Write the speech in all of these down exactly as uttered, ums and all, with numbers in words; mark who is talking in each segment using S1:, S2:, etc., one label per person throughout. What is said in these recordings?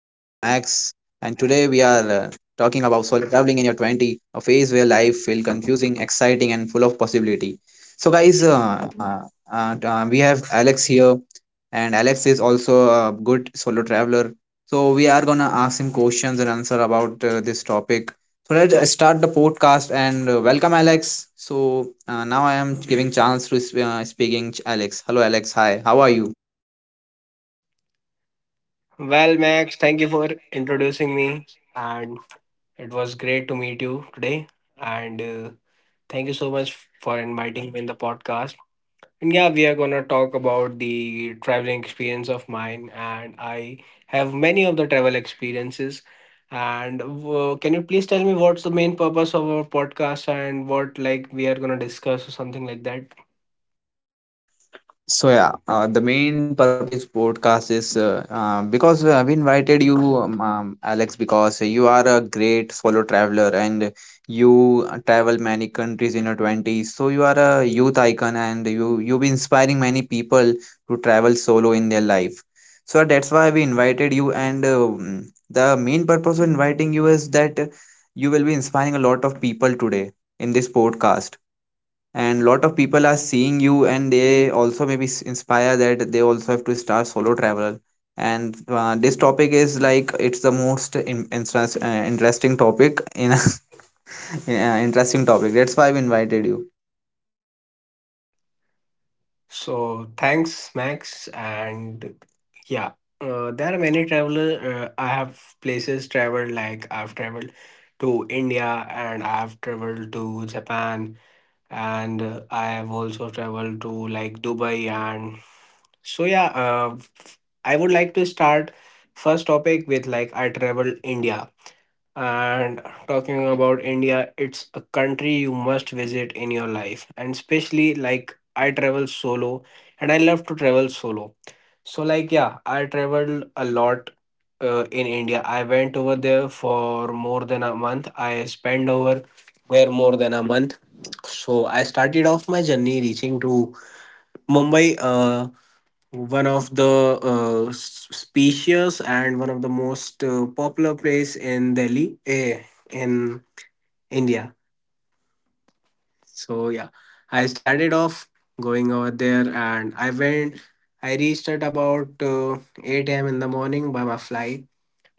S1: talking about solo traveling in your twenties, a phase where life feels confusing, exciting, and full of possibility. So, guys, uh, uh, uh, uh, we have Alex here, and Alex is also a good solo traveler. So we are gonna ask him questions and answer about uh, this topic. So let's uh, start the podcast and uh, welcome Alex. So uh, now I am giving chance to s- uh, speaking Ch- Alex. Hello Alex, hi. How are you?
S2: Well, Max, thank you for introducing me, and it was great to meet you today. And uh, Thank you so much for inviting me in the podcast. And yeah, we are gonna talk about the traveling experience of mine, and I have many of the travel experiences. And uh, Can you please tell me what's the main purpose of our podcast and what like we are gonna discuss or something like that?
S1: So yeah, uh, the main purpose of this podcast is uh, uh, because uh, we invited you, um, um, Alex, because you are a great solo traveler and you travel many countries in your twenties. So you are a youth icon, and you you be inspiring many people to travel solo in their life. So that's why we invited you, and uh, um, the main purpose of inviting you is that you will be inspiring a lot of people today in this podcast, and lot of people are seeing you and they also maybe s- inspire that they also have to start solo travel. And uh, this topic is like it's the most in, interest, uh, interesting topic in uh, interesting topic, that's why I've invited you.
S2: So thanks, Max. And yeah, uh, there are many traveler. Uh, I have places traveled like I've traveled to India and I've traveled to Japan and uh, I have also traveled to like Dubai and so yeah. Uh, f- I would like to start first topic with like I traveled India. And talking about India, it's a country you must visit in your life. And especially like I travel solo and I love to travel solo. So like yeah, I traveled a lot uh, in India. I went over there for more than a month. I spent over there more than a month. So I started off my journey reaching to Mumbai. Uh, one of the uh, s- spacious and one of the most uh, popular place in Delhi eh, in India. So yeah, I started off going over there and I went. I reached at about uh, eight a m in the morning by my flight.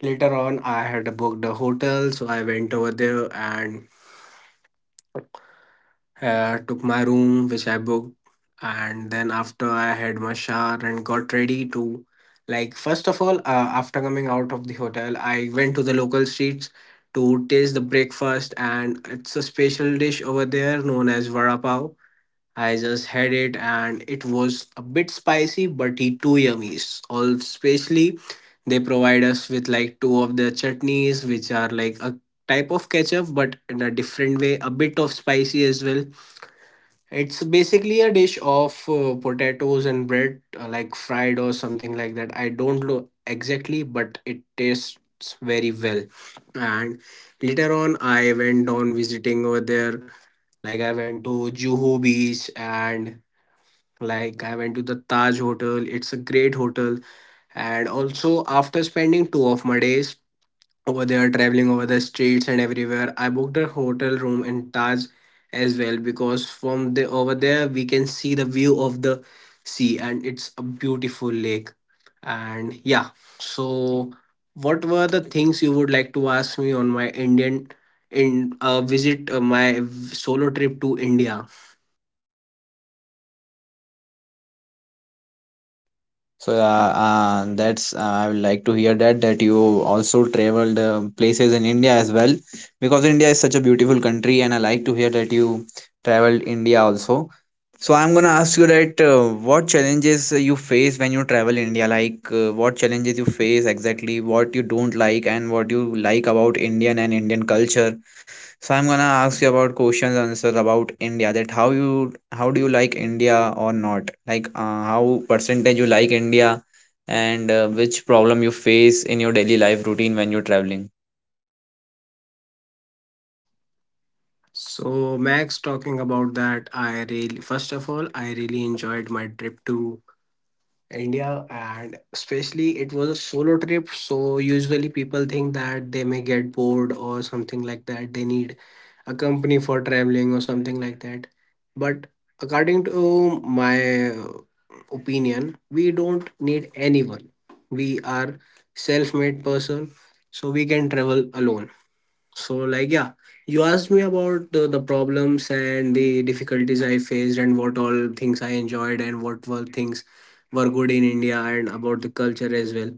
S2: Later on, I had booked a hotel, so I went over there and uh, took my room, which I booked, and then after I had my shower and got ready to, like, first of all, uh, after coming out of the hotel, I went to the local streets to taste the breakfast, and it's a special dish over there known as vada pav. I just had it, and it was a bit spicy, but it too yummy. All especially, they provide us with like two of the chutneys, which are like a type of ketchup, but in a different way, a bit of spicy as well. It's basically a dish of uh, potatoes and bread, uh, like fried or something like that. I don't know exactly, but it tastes very well. And later on, I went on visiting over there. Like I went to Juhu Beach and like I went to the Taj Hotel. It's a great hotel. And also, after spending two of my days over there traveling over the streets and everywhere, I booked a hotel room in Taj as well, because from the over there we can see the view of the sea, and it's a beautiful lake. And yeah, so what were the things you would like to ask me on my Indian in uh, visit, uh, my solo trip to India?
S1: So uh, uh, that's uh, I would like to hear that that you also traveled uh, places in India as well, because India is such a beautiful country and I like to hear that you traveled India also. So I'm gonna ask you that uh, what challenges you face when you travel India, like uh, what challenges you face exactly, what you don't like and what you like about Indian and Indian culture. So I'm gonna ask you about questions and answer about India. That how you how do you like India or not? Like uh, how percentage you like India, and uh, which problem you face in your daily life routine when you're traveling.
S2: So Max, talking about that, I really, first of all, I really enjoyed my trip to India, and especially it was a solo trip. So usually people think that they may get bored or something like that. They need a company for traveling or something like that. But according to my opinion, we don't need anyone. We are self-made person, so we can travel alone. So, like, yeah, you asked me about the, the problems and the difficulties I faced, and what all things I enjoyed, and what were things were good in India, and about the culture as well.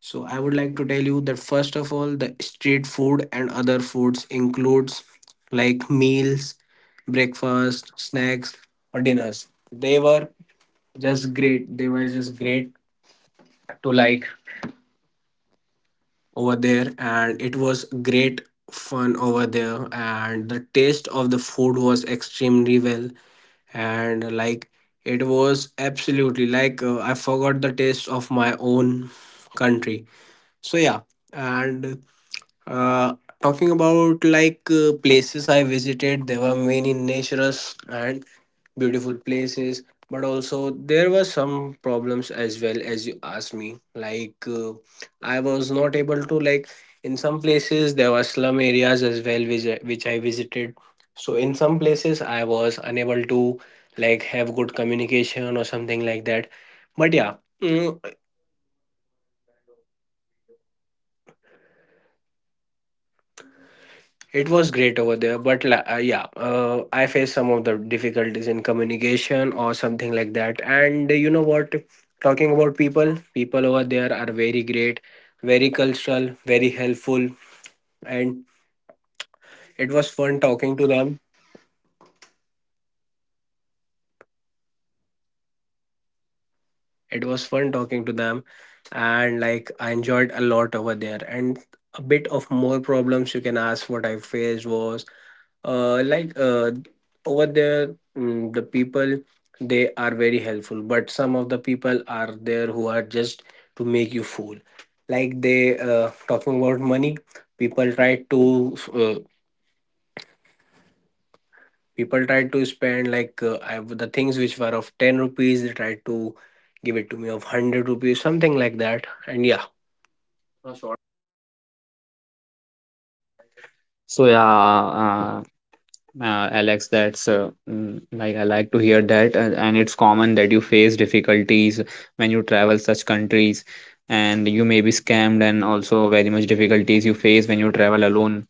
S2: So, I would like to tell you that first of all, the street food and other foods includes like meals, breakfast, snacks, or dinners. They were just great. They were just great to like over there, and it was great fun over there, and the taste of the food was extremely well, and like it was absolutely like, uh, I forgot the taste of my own country. So yeah, and uh, talking about like uh, places I visited, there were many nature's and beautiful places, but also there were some problems as well, as you asked me. Like uh, I was not able to like, in some places there were slum areas as well, which I- which I visited. So in some places I was unable to like have good communication or something like that. But yeah. mm, It was great over there, but la- uh, yeah, uh, I faced some of the difficulties in communication or something like that. And you know what? Talking about people, people over there are very great, very cultural, very helpful, and it was fun talking to them. It was fun talking to them, and like I enjoyed a lot over there. And a bit of more problems you can ask what I faced was uh, like uh, over there, mm, the people, they are very helpful, but some of the people are there who are just to make you fool. Like they uh, talking about money, people try to uh, people try to spend like uh, I, the things which were of ten rupees they try to give it to me of one hundred rupees something like that. And yeah,
S1: So yeah, uh, uh, Alex, that's uh, mm, like I like to hear that, and, and it's common that you face difficulties when you travel such countries, and you may be scammed, and also very much difficulties you face when you travel alone.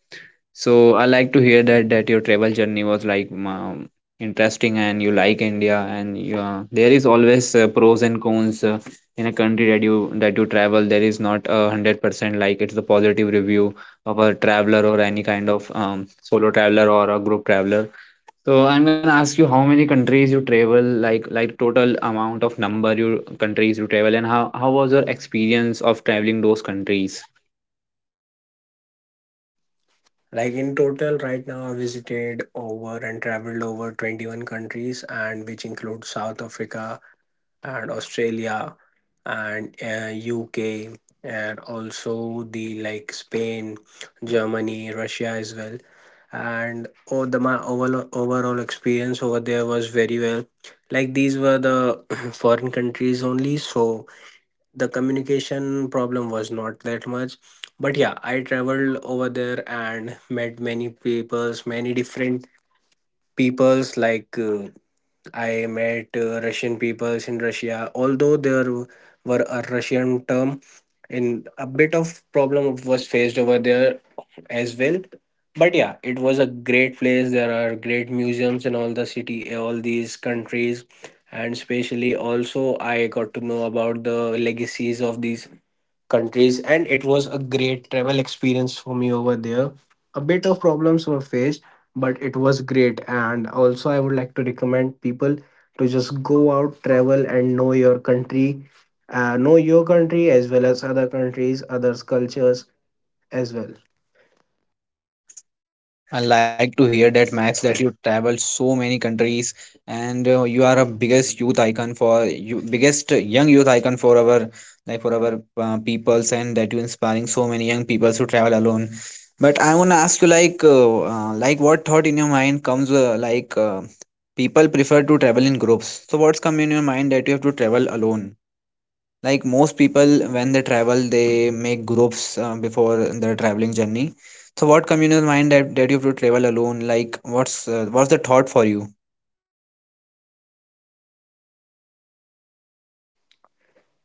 S1: So I like to hear that that your travel journey was like um, interesting, and you like India, and you uh, there is always uh, pros and cons. Uh, in a country that you that you travel, there is not a hundred percent like it's the positive review of a traveler or any kind of um, solo traveler or a group traveler. So I'm gonna ask you how many countries you travel, like like total amount of number you countries you travel, and how how was your experience of traveling those countries?
S2: like in total right now I visited over and traveled over twenty-one countries, and which includes South Africa and Australia and uh, U K and also the like Spain, Germany, Russia as well. And oh, the my overall overall experience over there was very well. Like these were the foreign countries only, so the communication problem was not that much. But yeah, I traveled over there and met many peoples, many different peoples like. Uh, I met uh, Russian peoples in Russia. Although there were a Russian term, and a bit of problem was faced over there as well. But yeah, it was a great place. There are great museums in all the city, all these countries, and especially also I got to know about the legacies of these countries, and it was a great travel experience for me over there. A bit of problems were faced, but it was great. And also I would like to recommend people to just go out, travel and know your country, uh, know your country as well as other countries, others cultures as well.
S1: I like to hear that, Max, that you travel so many countries and uh, you are a biggest youth icon for you biggest young youth icon for our like for our uh, peoples, and that you inspiring so many young people to travel alone. But I want to ask you like uh, uh, like what thought in your mind comes uh, like uh, people prefer to travel in groups. So what's come in your mind that you have to travel alone? Like most people when they travel they make groups uh, before their traveling journey, so what communal mind that, that you have to travel alone, like what's uh, what's the thought for you?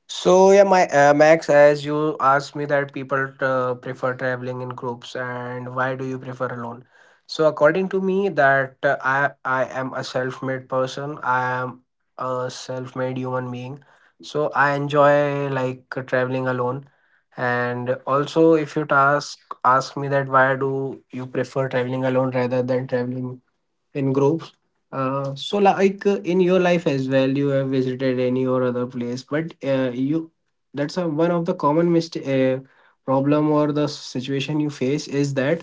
S2: So yeah, my uh, Max, as you asked me that people uh, prefer traveling in groups, and why do you prefer alone? So according to me, that uh, I I am a self-made person. I am a self-made human being. So I enjoy like traveling alone. And also, if you task ask me that why do you prefer traveling alone rather than traveling in groups. Uh, so like uh, in your life as well, you have visited any or other place, but uh, you, that's a, one of the common mistake, uh, problem or the situation you face is that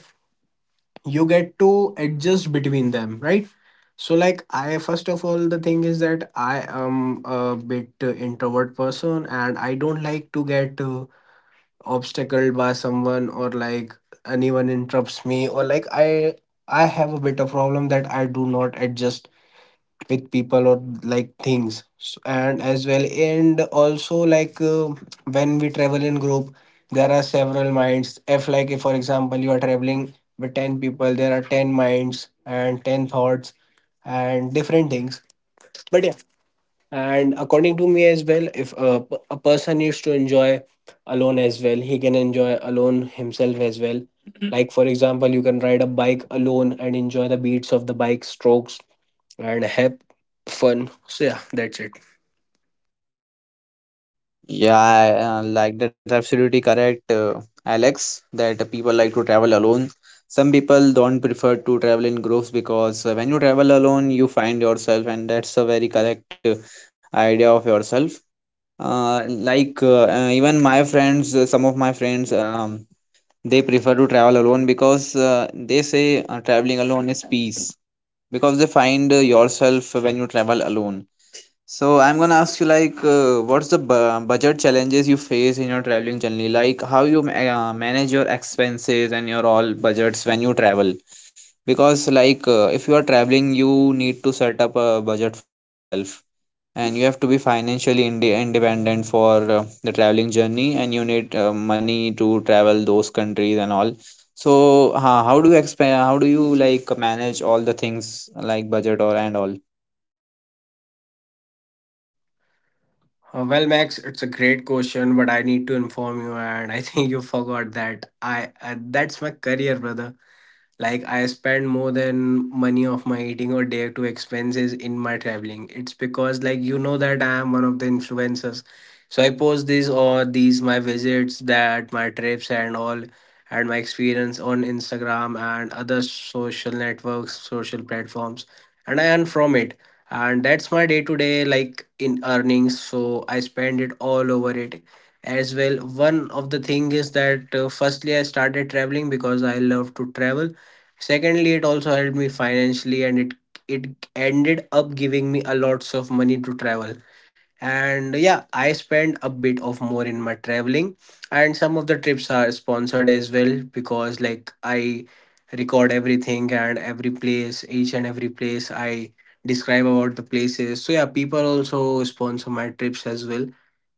S2: you get to adjust between them, right? So like I, first of all, the thing is that I am a bit uh, introvert person, and I don't like to get uh, obstacled by someone, or like anyone interrupts me, or like I I have a bit of problem that I do not adjust with people or like things S- and as well. And also like uh, when we travel in group, there are several minds. If like, if for example you are traveling with ten people, there are ten minds and ten thoughts and different things. But yeah, and according to me as well, if a, p- a person used to enjoy alone as well, he can enjoy alone himself as well. Like for example, you can ride a bike alone and enjoy the beats of the bike strokes and have fun. So yeah, that's it.
S1: Yeah, I, uh, like that's absolutely correct, uh, Alex, that people like to travel alone. Some people don't prefer to travel in groups because uh, when you travel alone, you find yourself, and that's a very correct uh, idea of yourself. Uh, like uh, uh, even my friends, uh, some of my friends, um, they prefer to travel alone because uh, they say uh, traveling alone is peace, because they find uh, yourself when you travel alone. So I'm gonna ask you, like uh, what's the bu- budget challenges you face in your traveling journey, like how you ma- uh, manage your expenses and your all budgets when you travel, because like uh, if you are traveling you need to set up a budget for yourself, and you have to be financially inde independent for uh, the traveling journey, and you need uh, money to travel those countries and all. So ho- how do you exp? How do you like manage all the things, like budget or and all?
S2: Uh, well Max, it's a great question, but I need to inform you, and I think you forgot that I uh, that's my career, brother. Like I spend more than money of my eating or day to expenses in my traveling. It's because like you know that I am one of the influencers. So I post these or these my visits, that my trips and all and my experience on Instagram and other social networks, social platforms, and I earn from it. And that's my day to day like in earnings. So I spend it all over it as well. One of the thing is that uh, firstly I started traveling because I love to travel, secondly it also helped me financially, and it it ended up giving me a lots of money to travel. And yeah, I spend a bit of more in my traveling, and some of the trips are sponsored as well because like I record everything and every place, each and every place I describe about the places. So yeah, people also sponsor my trips as well,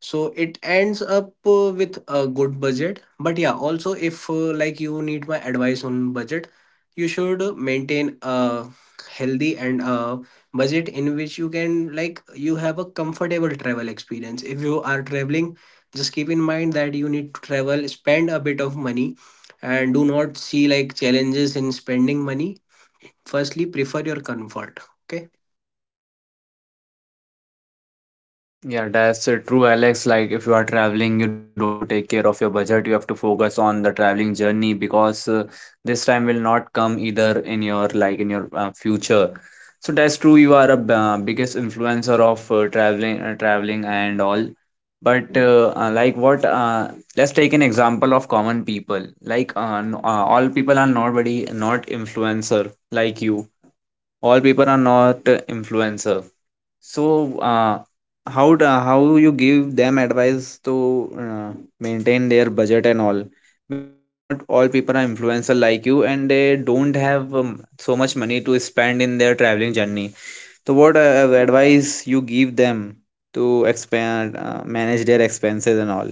S2: so it ends up uh, with a good budget. But yeah, also if uh, like you need my advice on budget, you should maintain a healthy and a budget in which you can like you have a comfortable travel experience. If you are traveling, just keep in mind that you need to travel, spend a bit of money, and do not see like challenges in spending money. Firstly, prefer your comfort, okay.
S1: Yeah, that's uh, true, Alex. Like, if you are traveling, you don't have to take care of your budget. You have to focus on the traveling journey, because uh, this time will not come either in your like in your uh, future. So that's true. You are a b- uh, biggest influencer of uh, traveling, uh, traveling and all. But uh, uh, like what? Uh, let's take an example of common people. Like, uh, n- uh, all people are nobody, not influencer like you. All people are not uh, influencer, so, uh, how do, how you give them advice to uh, maintain their budget and all? Because not all people are influencer like you, and they don't have um, so much money to spend in their traveling journey. So, what uh, advice you give them to expand, uh, manage their expenses and all?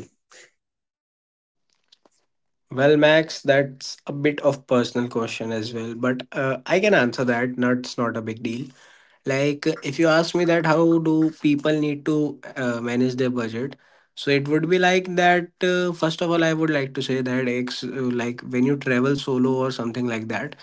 S2: Well Max, that's a bit of personal question as well, but uh, I can answer that. That's not a big deal. Like, if you ask me that, how do people need to uh, manage their budget? So it would be like that. Uh, first of all, I would like to say that ex uh, like when you travel solo or something like that,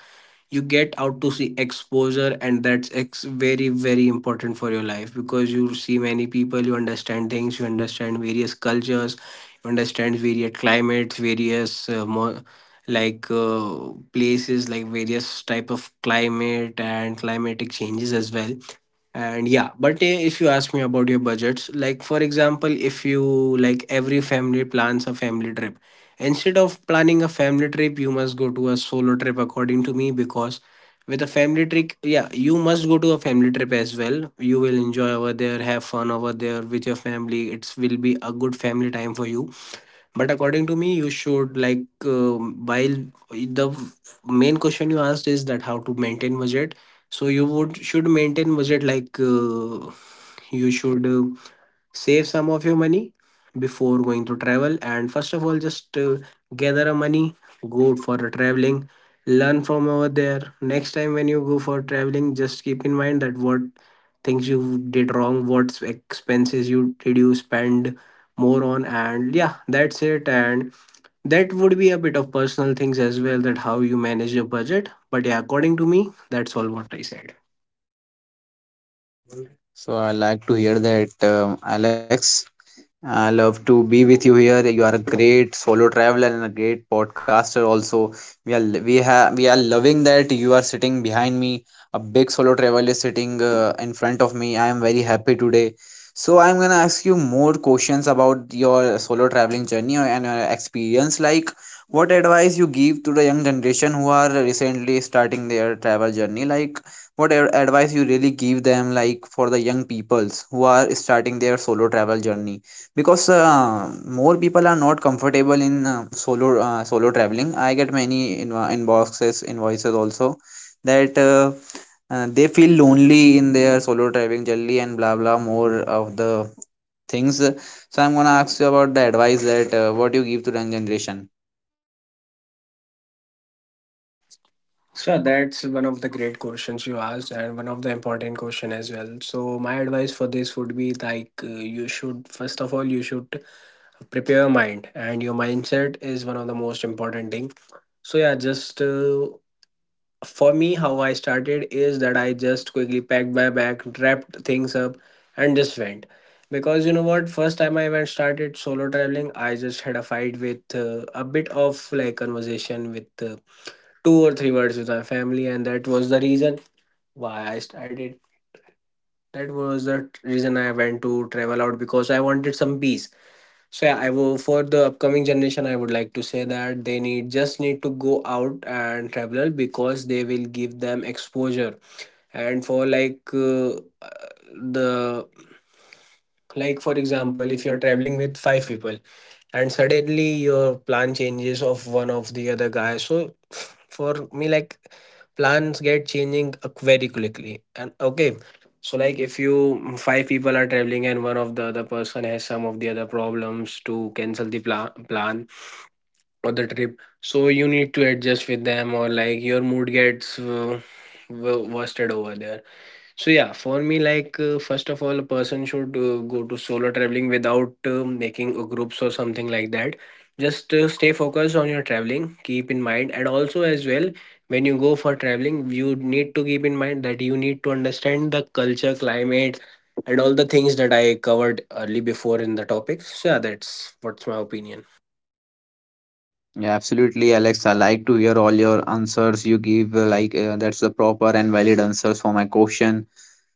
S2: you get out to see exposure, and that's ex very very important for your life because you see many people, you understand things, you understand various cultures, you understand various climates, various uh, more like uh, places like various type of climate and climatic changes as well. And yeah, but uh, if you ask me about your budgets, like for example, if you like every family plans a family trip, instead of planning a family trip, you must go to a solo trip, according to me. Because with a family trip, yeah, you must go to a family trip as well, you will enjoy over there, have fun over there with your family, it will be a good family time for you. But according to me, you should like um, while the main question you asked is that how to maintain budget. So you would should maintain budget, like uh, you should uh, save some of your money before going to travel. And first of all, just uh, gather a money, go for a traveling, learn from over there. Next time when you go for traveling, just keep in mind that what things you did wrong, what expenses you did, you spend more on. And yeah, that's it. And that would be a bit of personal things as well, that how you manage your budget. But yeah, according to me, that's all what I said.
S1: So I like to hear that, um, Alex. I love to be with you here. You are a great solo traveler and a great podcaster. Also, we are we have we are loving that you are sitting behind me. A big solo traveler is sitting uh, in front of me. I am very happy today. So I'm gonna ask you more questions about your solo traveling journey and your experience. Like, what advice you give to the young generation who are recently starting their travel journey? Like what a- advice you really give them, like for the young peoples who are starting their solo travel journey, because uh, more people are not comfortable in uh, solo uh, solo traveling. I get many in, inboxes invoices also, that uh, uh, they feel lonely in their solo traveling journey and blah blah more of the things. So I'm gonna ask you about the advice that uh, what you give to the young generation.
S2: So yeah, that's one of the great questions you asked, and one of the important question as well. So my advice for this would be like, uh, you should first of all, you should prepare your mind, and your mindset is one of the most important thing. So yeah, just uh, for me, how I started is that I just quickly packed my bag, wrapped things up, and just went. Because you know what, first time I went started solo traveling, I just had a fight with uh, a bit of like conversation with uh, two or three words with my family, and that was the reason why I started. That was the t- reason I went to travel out because I wanted some peace. So yeah, I will, for the upcoming generation, I would like to say that they need just need to go out and travel because they will give them exposure. And for like uh, the like for example, if you're traveling with five people and suddenly your plan changes of one of the other guys, so for me like plans get changing uh, very quickly, and okay. So like if you mm, five people are traveling and one of the other person has some of the other problems to cancel the pla- plan or the trip, so you need to adjust with them, or like your mood gets uh, wo- worsted over there. So yeah, for me, like uh, first of all, a person should uh, go to solo traveling without uh, making a groups or something like that. Just uh, stay focused on your traveling. Keep in mind, and also as well, when you go for traveling, you need to keep in mind that you need to understand the culture, climate, and all the things that I covered early before in the topics. So yeah, that's what's my opinion.
S1: Yeah, absolutely, Alex. I like to hear all your answers you give. uh, Like uh, that's the proper and valid answers for my question.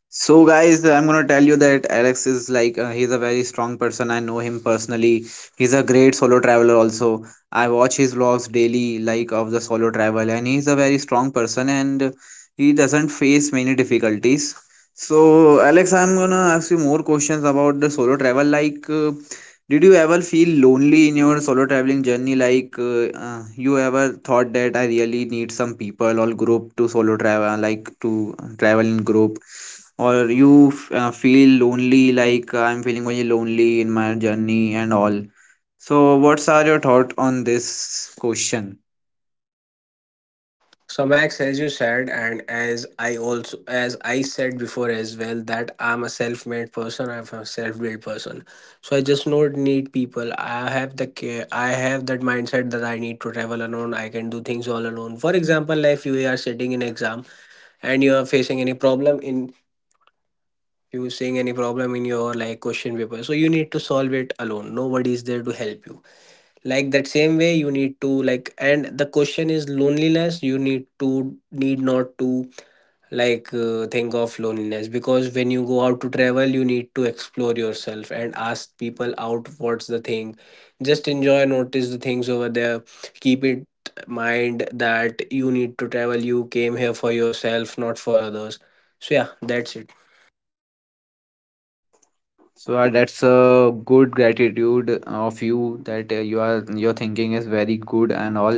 S1: So, guys, I'm gonna tell you that Alex is like uh, he's a very strong person. I know him personally. He's a great solo traveler. Also, I watch his vlogs daily, like of the solo travel, and he's a very strong person and he doesn't face many difficulties. So, Alex, I'm gonna ask you more questions about the solo travel, like. Uh, did you ever feel lonely in your solo traveling journey? Like, uh, uh, you ever thought that I really need some people or group to solo travel, like to travel in group? Or you f- uh, feel lonely, like uh, I'm feeling very lonely in my journey and all. So, what's are your thought on this question?
S2: So Max, as you said, and as I also as I said before as well, that I'm a self-made person. I'm a self-built person. So I just not need people. I have the ca- I have that mindset that I need to travel alone. I can do things all alone. For example, if you are sitting in exam and you are facing any problem in, you seeing any problem in your like question paper, so you need to solve it alone. Nobody is there to help you. Like that same way, you need to like, and the question is loneliness. You need to need not to like uh, thing of loneliness, because when you go out to travel, you need to explore yourself and ask people out what's the thing. Just enjoy, notice the things over there. Keep it mind that you need to travel, you came here for yourself, not for others. So yeah, that's it.
S1: So, uh, that's a good gratitude of you, that uh, you are your thinking is very good and all,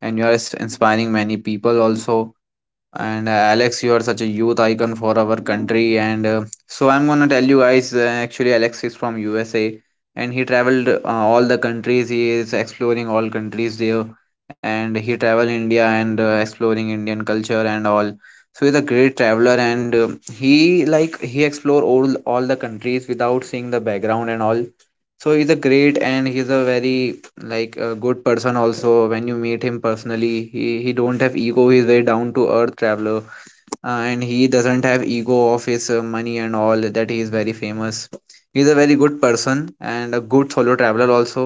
S1: and you are s- inspiring many people also. And uh, Alex, you are such a youth icon for our country. And uh, So I'm gonna tell you guys. Uh, actually, Alex is from U S A, and he traveled uh, all the countries. He is exploring all countries there, and he traveled India and uh, exploring Indian culture and all. So he's a great traveler, and uh, he like he explore all all the countries without seeing the background and all. So he's a great and he's a very like a good person also, when you meet him personally, he he don't have ego. He's very down to earth traveler, uh, and he doesn't have ego of his uh, money and all that he is very famous. He's a very good person and a good solo traveler also.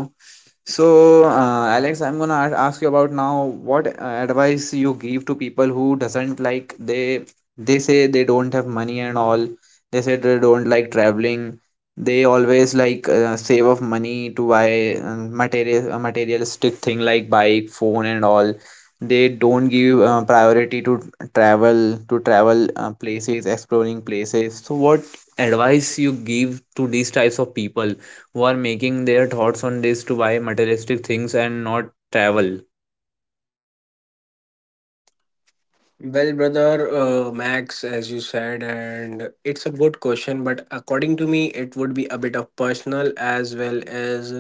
S1: So uh, Alex, I'm gonna a- ask you about now what uh, advice you give to people who doesn't like, they they say they don't have money and all. They say they don't like traveling. They always like uh, save up money to buy uh, material uh, materialistic thing like bike phone and all. They don't give uh, priority to travel to travel uh, places, exploring places. So what advice you give to these types of people who are making their thoughts on this to buy materialistic things and not travel?
S2: Well brother, uh, Max, as you said, and it's a good question, but according to me, it would be a bit of personal as well as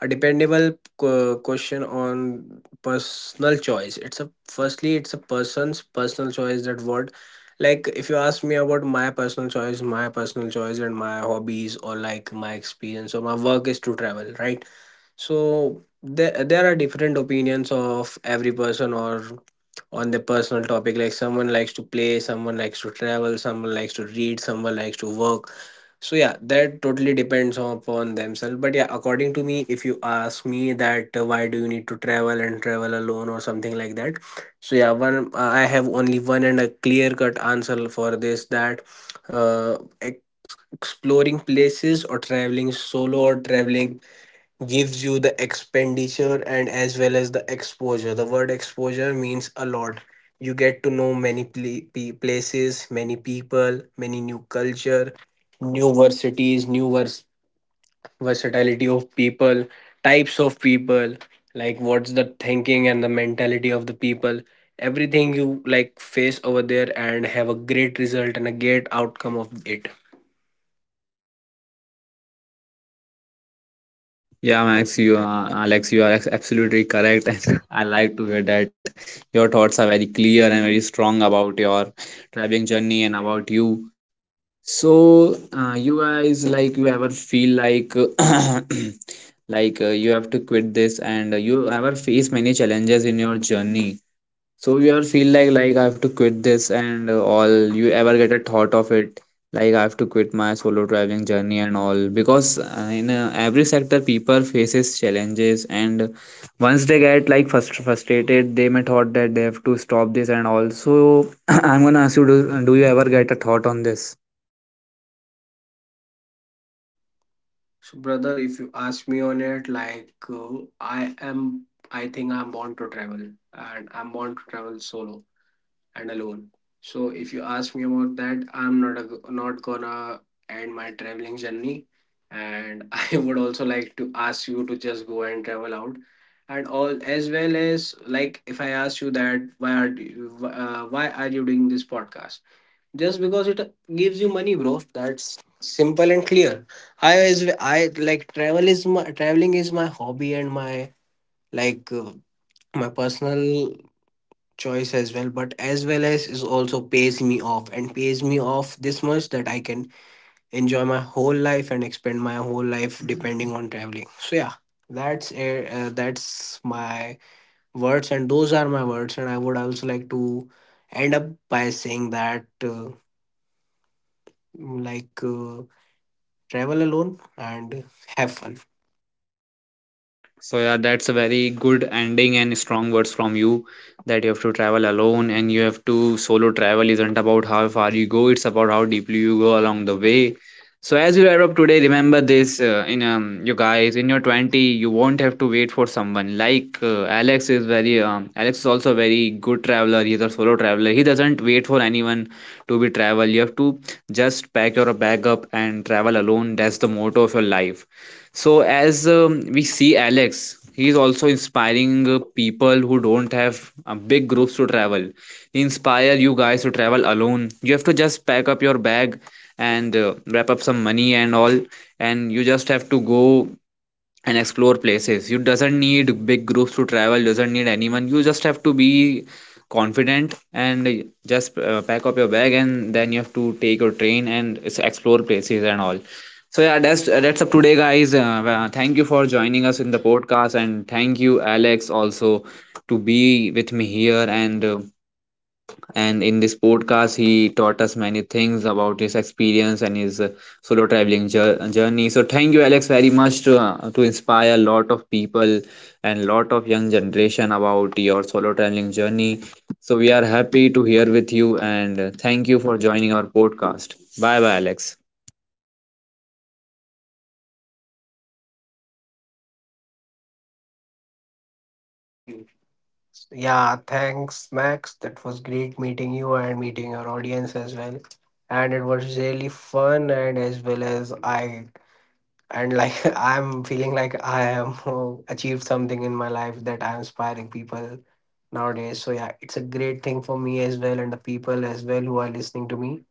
S2: a dependable qu- question on personal choice. It's a firstly it's a person's personal choice, that word. Like if you ask me about my personal choice, my personal choice and my hobbies, or like my experience or my work is to travel, right? So there, there are different opinions of every person, or on the personal topic. Like someone likes to play, someone likes to travel, someone likes to read, someone likes to work. So yeah, that totally depends upon themselves. But yeah, according to me, if you ask me that uh, why do you need to travel and travel alone or something like that, so yeah, one uh, I have only one and a clear cut answer for this, that uh, ex- exploring places or traveling solo or traveling gives you the expenditure and as well as the exposure. The word exposure means a lot. You get to know many pla- pe- places, many people, many new culture, new varsities, new vers- versatility of people, types of people, like what's the thinking and the mentality of the people. Everything you like face over there and have a great result and a great outcome of it.
S1: Yeah, Max, you are uh, Alex, you are ex- absolutely correct, and I like to hear that your thoughts are very clear and very strong about your traveling journey and about you. So, uh, you guys, like, you ever feel like, uh, like uh, you have to quit this, and uh, you ever face many challenges in your journey. So you ever feel like, like I have to quit this, and uh, all. You ever get a thought of it, like I have to quit my solo traveling journey and all, because uh, in uh, every sector, people faces challenges, and once they get like frust frustrated, they may thought that they have to stop this and all. So I'm gonna ask you, do, do you ever get a thought on this?
S2: So, brother, if you ask me on it, like uh, I am, I think I'm born to travel, and I'm born to travel solo and alone. So, if you ask me about that, I'm not a, not gonna end my traveling journey, and I would also like to ask you to just go and travel out, and all. As well as, like if I ask you that why are you, uh, why are you doing this podcast? Just because it gives you money, bro. That's simple and clear. I is i like travel is my, traveling is my hobby and my like uh, my personal choice as well. But as well as is also pays me off, and pays me off this much that I can enjoy my whole life and expand my whole life depending on traveling. So yeah, that's uh, uh, that's my words, and those are my words. And I would also like to end up by saying that uh, like uh, travel alone, and have fun.
S1: So yeah, that's a very good ending and strong words from you that you have to travel alone, and you have to solo travel isn't about how far you go, it's about how deeply you go along the way. So as you wrap up today, remember this uh, in um, you guys in your twenty you won't have to wait for someone like uh, Alex is very um, Alex is also a very good traveler. He's a solo traveler. He doesn't wait for anyone to be travel. You have to just pack your bag up and travel alone. That's the motto of your life. So, as um, we see Alex, he is also inspiring uh, people who don't have uh, big groups to travel. He inspire you guys to travel alone. You have to just pack up your bag and uh, wrap up some money and all, and you just have to go and explore places. You doesn't need big groups to travel, doesn't need anyone, you just have to be confident and just uh, pack up your bag, and then you have to take your train and s- explore places and all. So yeah, that's uh, that's up today, guys. Uh, uh, thank you for joining us in the podcast, and thank you Alex also to be with me here, and uh, and in this podcast, he taught us many things about his experience and his uh, solo traveling jour- journey. So thank you, Alex, very much to uh, to inspire a lot of people and lot of young generation about your solo traveling journey. So we are happy to hear with you, and uh, thank you for joining our podcast. Bye bye, Alex.
S2: Thank you. Yeah, thanks, Max. That was great meeting you and meeting your audience as well. And it was really fun, and as well as I, and like I'm feeling like I am uh, achieved something in my life, that I'm inspiring people nowadays. So yeah, it's a great thing for me as well, and the people as well who are listening to me.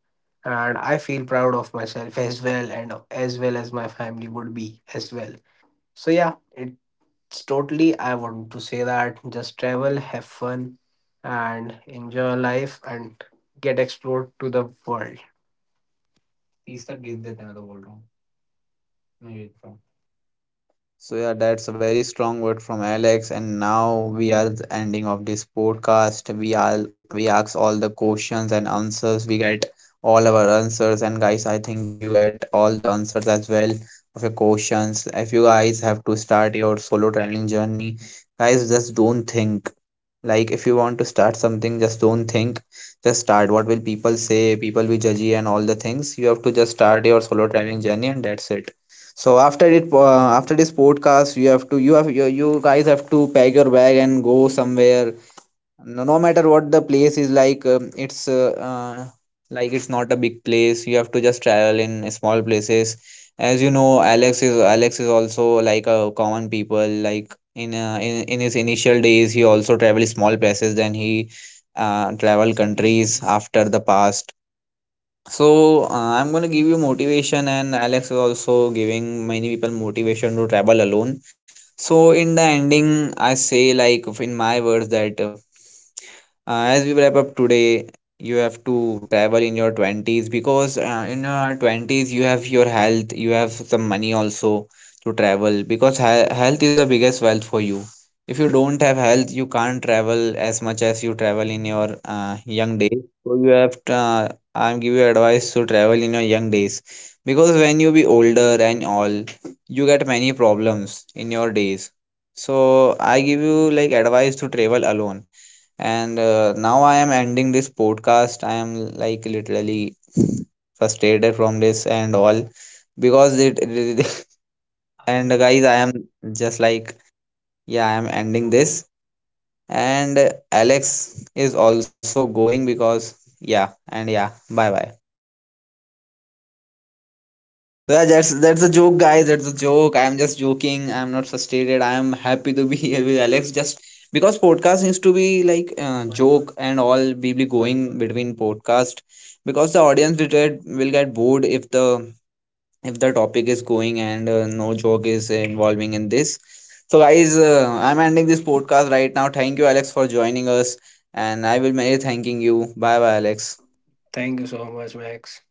S2: And I feel proud of myself as well, and as well as my family would be as well. So yeah, it it's totally, I want to say that just travel, have fun, and enjoy life and get explored to the world. These are give the another world.
S1: So yeah, that's a very strong word from Alex. And now we are the ending of this podcast. We are we ask all the questions and answers. We get all our answers. And guys, I think you get all the answers as well of your questions. If you guys have to start your solo traveling journey, guys, just don't think. Like if you want to start something, just don't think, just start. What will people say? People will judge you and all the things. You have to just start your solo traveling journey, and that's it. So after it, uh, after this podcast, you have to you have you, you guys have to pack your bag and go somewhere. No, no matter what the place is, like um, it's uh, uh, like it's not a big place, you have to just travel in small places. As you know, alex is Alex is also like a common people, like in uh, in, in his initial days he also travel small places, then he uh, travel countries after the past. So uh, I'm going to give you motivation, and Alex is also giving many people motivation to travel alone. So in the ending I say, like, in my words that uh, as we wrap up today, you have to travel in your twenties because uh, in your twenties you have your health, you have some money also to travel, because he- health is the biggest wealth for you. If you don't have health, you can't travel as much as you travel in your uh, young days. So you have to, uh, I'm give you advice to travel in your young days, because when you be older and all, you get many problems in your days. So I give you like advice to travel alone. And uh, now I am ending this podcast. I am like literally frustrated from this and all because it it- and uh, guys, I am just like, yeah, I am ending this, and Alex is also going because yeah, and yeah, bye bye. So yeah, that's that's a joke, guys. That's a joke. I'm just joking. I'm not frustrated. I am happy to be here with Alex. Just because podcast needs to be like uh, joke and all. We be going between podcast because the audience will get will get bored if the if the topic is going and uh, no joke is involving in this. So guys, uh, I'm ending this podcast right now. Thank you, Alex, for joining us, and I will be thanking you. Bye, bye, Alex.
S2: Thank you so much, Max.